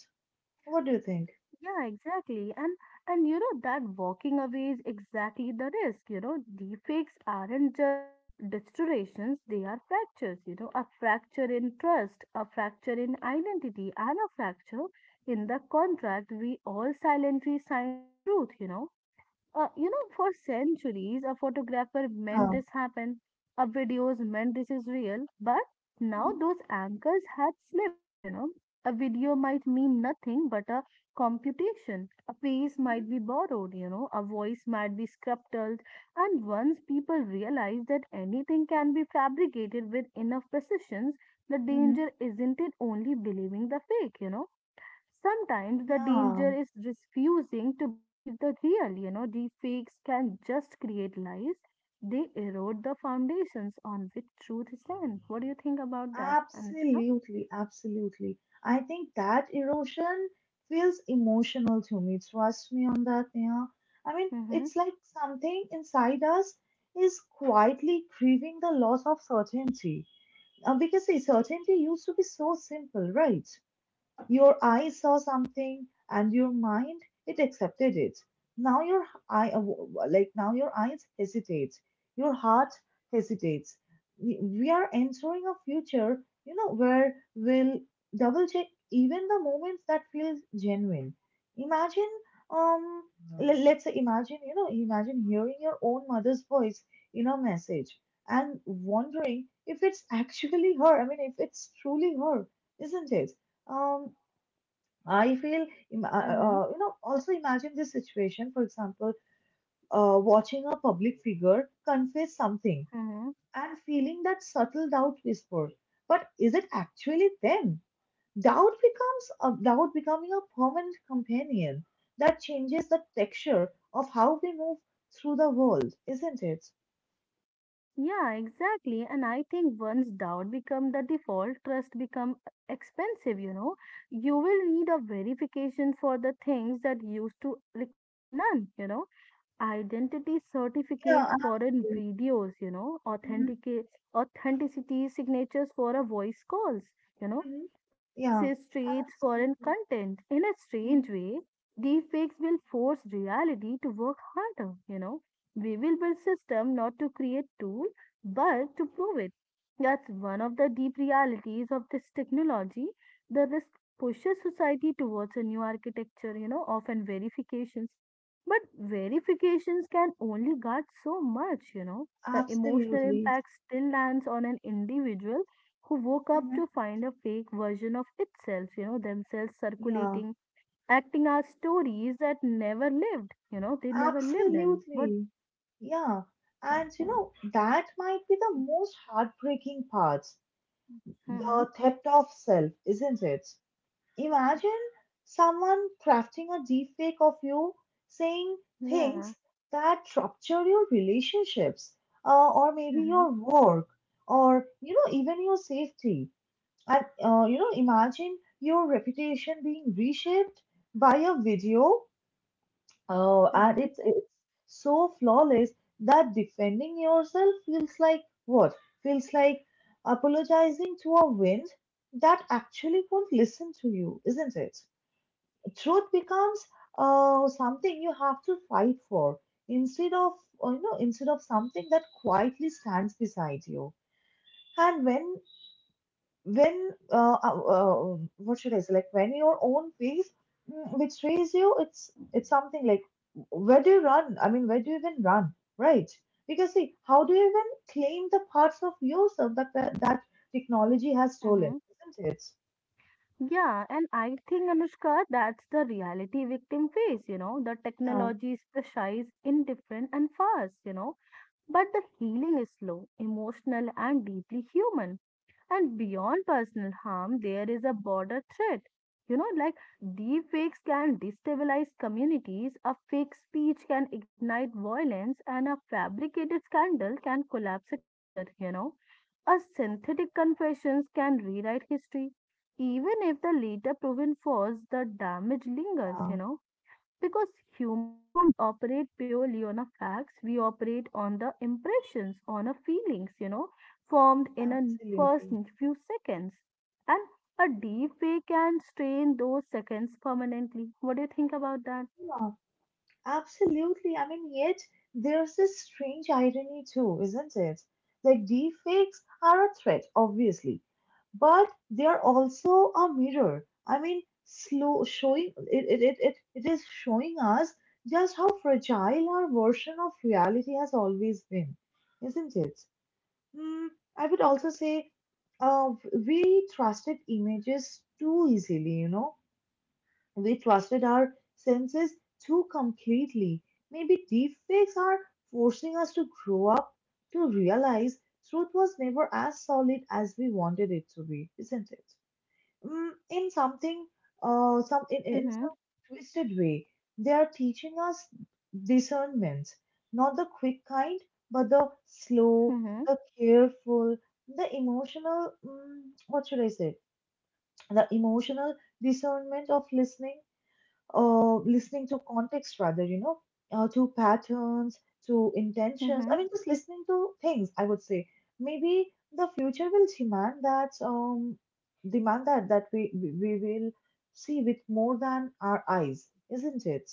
A: What do you think?
B: Yeah, exactly. And you know that walking away is exactly the risk, you know. Deepfakes aren't just distortions, they are fractures, you know, a fracture in trust, a fracture in identity, and a fracture in the contract we all silently signed the truth, you know. You know, for centuries, a photographer meant
A: Yeah.
B: this happened, a videos meant this is real, but
A: Mhm,
B: now those anchors had slipped, you know. A video might mean nothing but a computation. A face
A: mhm.
B: might be borrowed, you know, a voice might be sculpted, and once people realize that anything can be fabricated with enough precision, the
A: Mm-hmm.
B: danger isn't it only believing the fake, you know. Sometimes the
A: Yeah.
B: danger is refusing to believe the real, you know, the fakes can just create lies. They erode the foundations on which truth stands. What do you think about that, Anushka?
A: Absolutely, absolutely. I think that erosion feels emotional to me. Trust me on that, Neha. I mean,
B: Mm-hmm,
A: it's like something inside us is quietly grieving the loss of certainty. Because see, certainty used to be so simple, right? Your eye saw something and your mind, it accepted it. Now your eye now your eyes hesitate. Your heart hesitates. We are entering a future, you know, where we'll double check even the moments that feel genuine. Imagine um le- let's say imagine, you know, imagine hearing your own mother's voice in a message and wondering if it's actually her. I mean, if it's truly her, isn't it? Um, I feel,
B: mm-hmm,
A: also imagine this situation, for example, watching a public figure confess something
B: mm-hmm.
A: and feeling that subtle doubt whisper. But is it actually them? Doubt becomes a doubt becoming a permanent companion that changes the texture of how we move through the world, isn't it?
B: Yeah, exactly. And I think once doubt become the default, trust become expensive, you know. You will need a verification for the things that used to require none, you know, identity
A: Yeah,
B: certificates, foreign
A: absolutely.
B: videos, you know,
A: Mhm,
B: authenticate authenticity signatures for a voice calls, you know,
A: mhm, yeah,
B: provinces, streets, foreign
A: absolutely.
B: content. In a
A: Mhm,
B: strange way, deepfakes will force reality to work harder, you know. We will build system not to create tool, but to prove it. That's one of the deep realities of this technology. The risk pushes society towards a new architecture, you know, often verifications, but verifications can only guard so much, you know. The emotional
A: absolutely.
B: impact still lands on an individual who woke up to
A: Mhm.
B: find a fake version of itself, you know, themselves
A: Yeah.
B: circulating, acting out stories that never lived, you know, they never lived in. But,
A: Absolutely. Yeah. And you know, that might be the most heartbreaking part,
B: hmm.
A: the theft of self, isn't it? Imagine someone crafting a deepfake of you saying
B: Yeah.
A: things that rupture your relationships, or maybe
B: Mm-hmm.
A: your work, or even your safety. And imagine your reputation being reshaped by a video. Oh, and
B: Mm-hmm.
A: it's so flawless that defending yourself feels like what? Feels like apologizing to a wind that actually won't listen to you, isn't it? Truth becomes something you have to fight for, instead of instead of something that quietly stands beside you. And when what should I say? Like when your own face betrays you, it's something like, where do you run? I mean, where do you even run? Right? Because see, how do you even claim the parts of yourself that that technology has stolen?
B: Mm-hmm.
A: Isn't it?
B: Yeah, and I think Anushka, that's the reality victim face, you know. The
A: Yeah,
B: technology is precise, indifferent, and fast, you know. But the healing is slow, emotional, and deeply human. And beyond personal harm, there is a border threat. You know, like deep fakes can destabilize communities, a fake speech can ignite violence, and a fabricated scandal can collapse a career, you know. A synthetic confessions can rewrite history. Even if the later proven false, the damage lingers,
A: yeah,
B: you know, because humans don't operate purely on a facts, we operate on the impressions on a feelings, you know, formed in a first
A: absolutely.
B: few seconds, and a deep way can strain those seconds permanently. What do you think about that?
A: Absolutely. I mean, yet there's this strange irony too, isn't it? Like deepfakes are a threat, obviously, but they are also a mirror. I mean, slow showing it it, it, it it is showing us just how fragile our version of reality has always been, isn't it? Hmm. I would also say, uh, we trusted images too easily. We trusted our senses too completely. Maybe deepfakes are forcing us to grow up, to realize truth was never as solid as we wanted it to be, isn't it? Mm, in something, uh, some in, in
B: Mm-hmm,
A: some twisted way, they are teaching us discernment, not the quick kind, but the slow,
B: mm-hmm,
A: the careful, the emotional. Mm, what should I say? The emotional discernment of listening listening to context rather, to patterns, to
B: mm-hmm.
A: intentions. I mean, just listening to things, I would say. Maybe the future will demand that, we will see with more than our eyes, isn't it?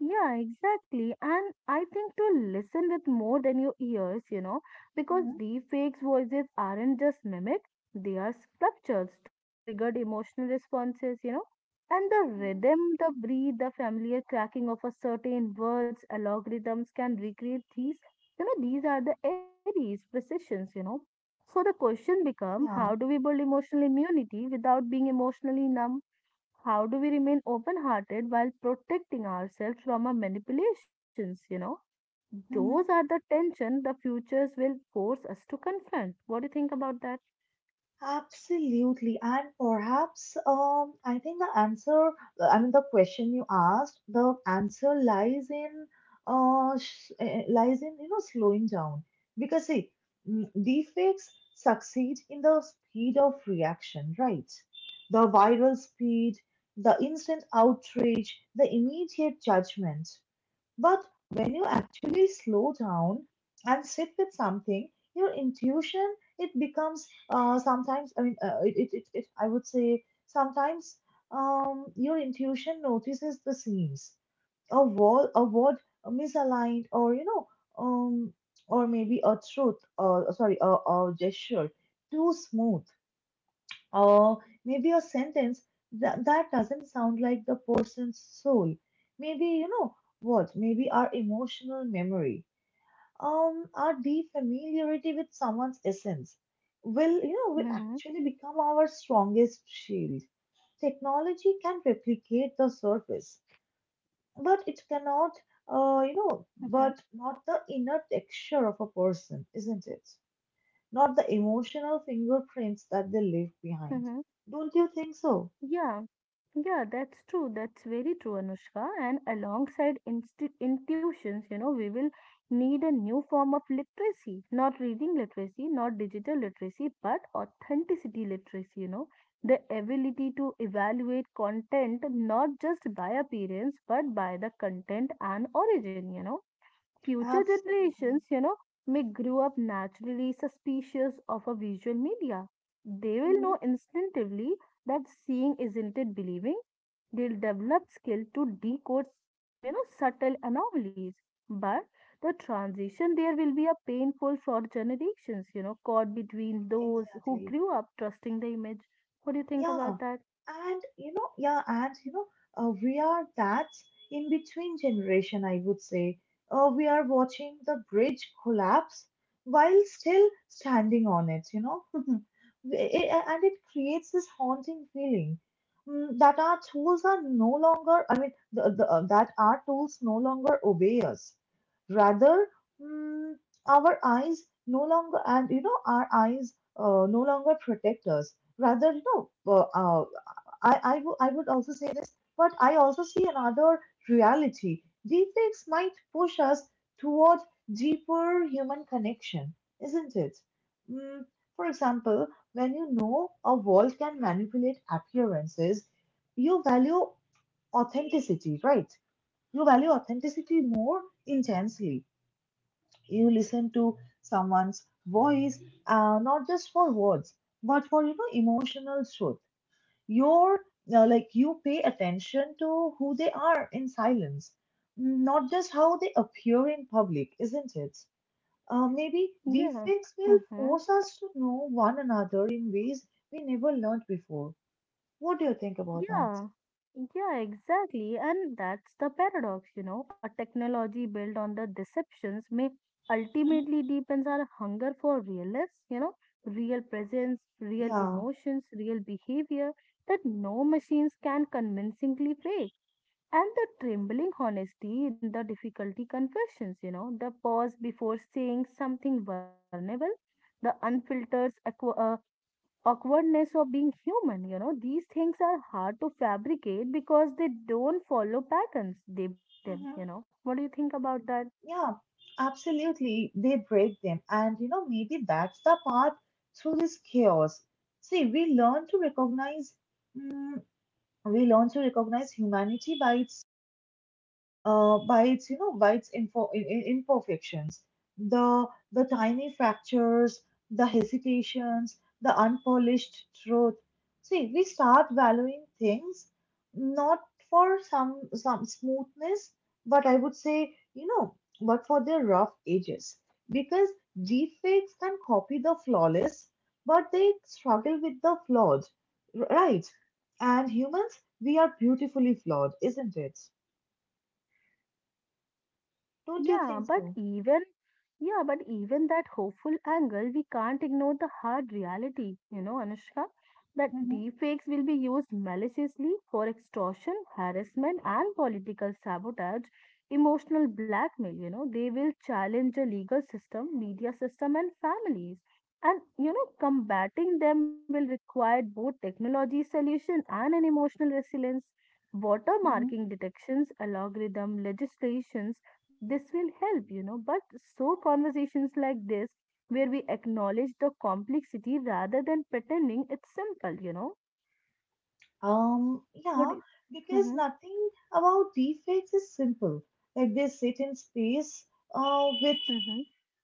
B: Yeah, exactly. And I think to listen with more than your ears, you know, because
A: Mhm,
B: deepfakes voices aren't just mimic, they are sculptures toward triggered emotional responses, you know. And the rhythm, the breathe, the familiar cracking of a certain words, algorithms can recreate these. You know, these are the areas, precisions, you know. So the question become, how do
A: mhm.
B: we build emotional immunity without being emotionally numb? How do we remain open hearted while protecting ourselves from our manipulations? You know, those are
A: Yeah.
B: the tension the futures will force us to confront. What do you think about that?
A: Absolutely. And perhaps I think the answer, I mean, the question you asked, the answer lies in, lies in, you know, slowing down. Because see, deepfakes succeed in the speed of reaction, right? The viral speed, the instant outrage, the immediate judgment. But when you actually slow down and sit with something, your intuition it becomes sometimes I mean it, it, it, it I would say sometimes your intuition notices the seams, a wall, a word misaligned, or you know, um, or maybe a truth, or sorry, a gesture too smooth. Or maybe a sentence that doesn't sound like the person's soul. Maybe, you know, what? Maybe our emotional memory, our deep familiarity with someone's essence will, you know, will
B: Hmm.
A: actually become our strongest shield. Technology can replicate the surface, but it cannot,
B: Hmm.
A: but not the inner texture of a person, isn't it? Not the emotional fingerprints that they leave behind.
B: Hmm.
A: Don't you think so?
B: Yeah, yeah, that's true. That's very true, Anushka. And alongside insti intuitions, you know, we will need a new form of literacy, not reading literacy, not digital literacy, but authenticity literacy, you know, the ability to evaluate content not just by appearance, but by the content and origin, you know, future generations,
A: Absolutely.
B: you know, may grow up naturally suspicious of a visual media. They will
A: Hmm.
B: know instinctively that seeing isn't it believing. They'll develop skill to decode, you know, subtle anomalies. But the transition there will be a painful for generations, you know, caught between those who
A: Exactly.
B: grew up trusting the image. What do you think
A: Yeah,
B: about that?
A: and you know, we are that in between generation, I would say. We are watching the bridge collapse while still standing on it, you know, and it creates this haunting feeling that our tools are no longer, I mean, that our tools no longer obey us. Rather, mm, our eyes no longer, and you know, our eyes no longer protect us, rather I would also say this, but I also see another reality. Deepfakes might push us toward deeper human connection, isn't it? mm, for example, when you know a world can manipulate appearances, you value authenticity, right? You value authenticity more intensely. You listen to someone's voice, not just for words, but for, you know, emotional truth. You're Like, you pay attention to who they are in silence, not just how they appear in public, isn't it? Maybe
B: Yeah.
A: deepfakes will
B: Mm-hmm.
A: force us to know one another in ways we never learned before. What do you think about that?
B: Yeah, yeah, exactly. And that's the paradox, you know. A technology built on the deceptions may ultimately deepens our hunger for realness, you know, real presence, real
A: Yeah.
B: emotions, real behavior that no machines can convincingly fake. And the trembling honesty in the difficulty confessions, you know, the pause before saying something vulnerable, the unfiltered awkwardness of being human. You know, these things are hard to fabricate because they don't follow patterns, they break them.
A: Hmm.
B: You know, what do you think about that?
A: Yeah, absolutely. They break them. And, you know, maybe that's the path through this chaos. See, we learn to recognize, mm, we learn to recognize humanity by its you know by its info, I- imperfections, the tiny fractures, the hesitations, the unpolished truth. See, we start valuing things, not for some smoothness, but I would say, you know, but for their rough edges, because deepfakes can copy the flawless, but they struggle with the flawed, right? And humans, we are beautifully flawed, isn't it? Don't you
B: Yeah,
A: think
B: but
A: so?
B: even yeah, but even that hopeful angle, we can't ignore the hard reality, you know, Anushka, that
A: Mhm,
B: deepfakes will be used maliciously for extortion, harassment, and political sabotage, emotional blackmail, you know, they will challenge the legal system, media system, and families. And you know, combating them will require both technology solution and an emotional resilience.
A: mhm.
B: Watermarking detections, algorithm legislations this will help, you know, but so conversations like this, where we acknowledge the complexity rather than pretending it's simple, you know. What?
A: Yeah, because
B: Mm-hmm,
A: nothing about deepfakes is simple. Like, they sit in space, uh, with
B: mm-hmm,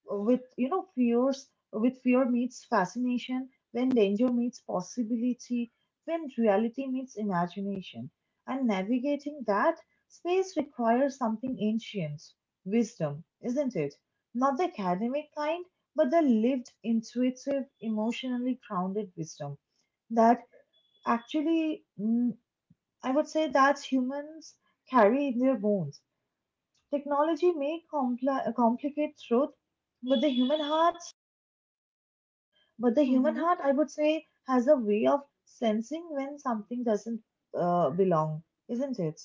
A: with, you know, fears, with fear meets fascination, when danger meets possibility, when reality meets imagination, and navigating that space requires something ancient, wisdom, isn't it? Not the academic kind, but the lived, intuitive, emotionally grounded wisdom that— actually, I would say that humans carry in their bones. Technology may complicate truth, but the human heart, but the human
B: mm-hmm.
A: heart, I would say, has a way of sensing when something doesn't belong, isn't it?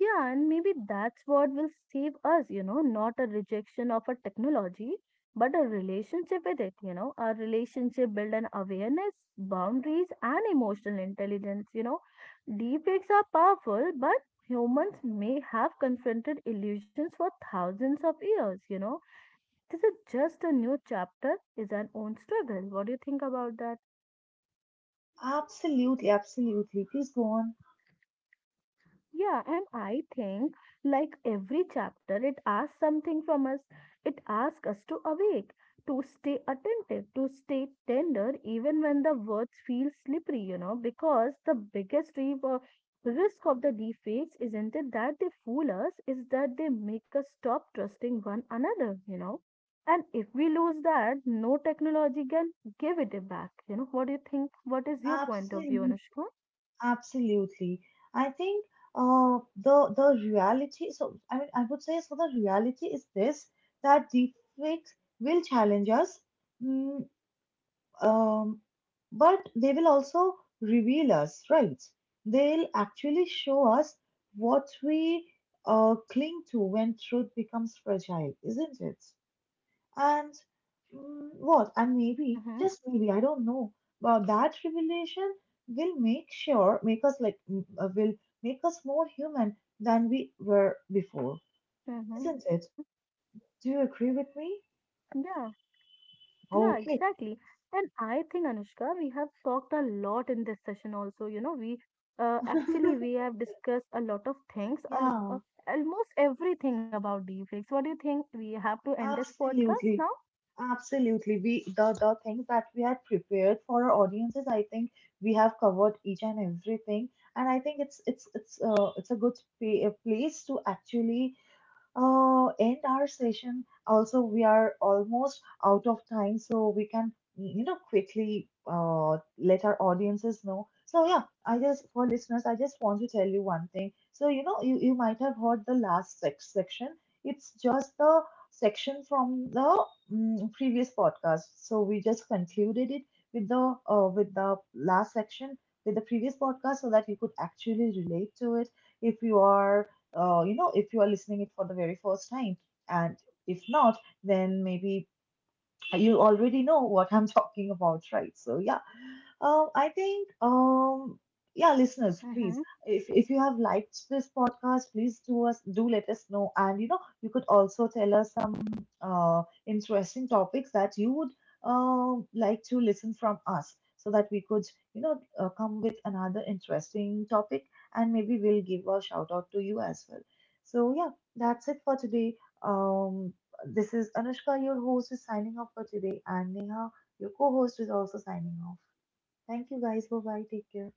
B: Yeah, and maybe that's what will save us, you know, not a rejection of a technology, but a relationship with it, you know, a relationship build an awareness, boundaries, and emotional intelligence, you know. Deepfakes are powerful, but humans may have confronted illusions for thousands of years, you know. This is just a new chapter is an own struggle. What do you think about that?
A: Absolutely, absolutely. Please go on.
B: Yeah, and I think, like every chapter, it asks something from us. It asks us to awake, to stay attentive, to stay tender, even when the words feel slippery, you know, because the biggest risk of the deepfakes isn't it that they fool us, is that they make us stop trusting one another, you know. And if we lose that, no technology can give it back. You know, what do you think? What is your point of view,
A: Absolutely.
B: Anushka?
A: Absolutely. I think the the reality. So I mean, I would say so. The reality is this, that deepfakes will challenge us, mm, um, but they will also reveal us, right? They'll actually show us what we cling to when truth becomes fragile, isn't it? And mm, what? And maybe,
B: Mm-hmm.
A: just maybe, I don't know. But that revelation will make us like, will make us more human than we were before,
B: Mm-hmm.
A: isn't it? Do you agree with me?
B: Yeah. Yeah,
A: Okay.
B: exactly. And I think, Anushka, we have talked a lot in this session also. You know, we actually we have discussed a lot of things, al
A: Yeah,
B: almost everything about deepfakes. What do you think? We have to end this
A: absolutely.
B: podcast now?
A: Absolutely. We— the things that we had prepared for our audiences, I think we have covered each and everything. And I think it's it's a good a place to actually end our session. Also, we are almost out of time, so we can, you know, quickly let our audiences know. So, yeah, I just, for listeners, I just want to tell you one thing. So, you know, you might have heard the last section. It's just the section from the previous podcast. So, we just concluded it with the last section with the previous podcast so that you could actually relate to it if you are you know, if you are listening it for the very first time. And if not, then maybe you already know what I'm talking about, right? So yeah, I think, yeah, listeners, please,
B: Mm-hmm.
A: if you have liked this podcast, please do let us know, and you know, you could also tell us some interesting topics that you would like to listen from us, so that we could, you know, come with another interesting topic, and maybe we'll give a shout out to you as well. So yeah, that's it for today. Um, this is Anushka, your host, is signing off for today, and Neha, your co-host, is also signing off. Thank you guys. Bye bye. Take care.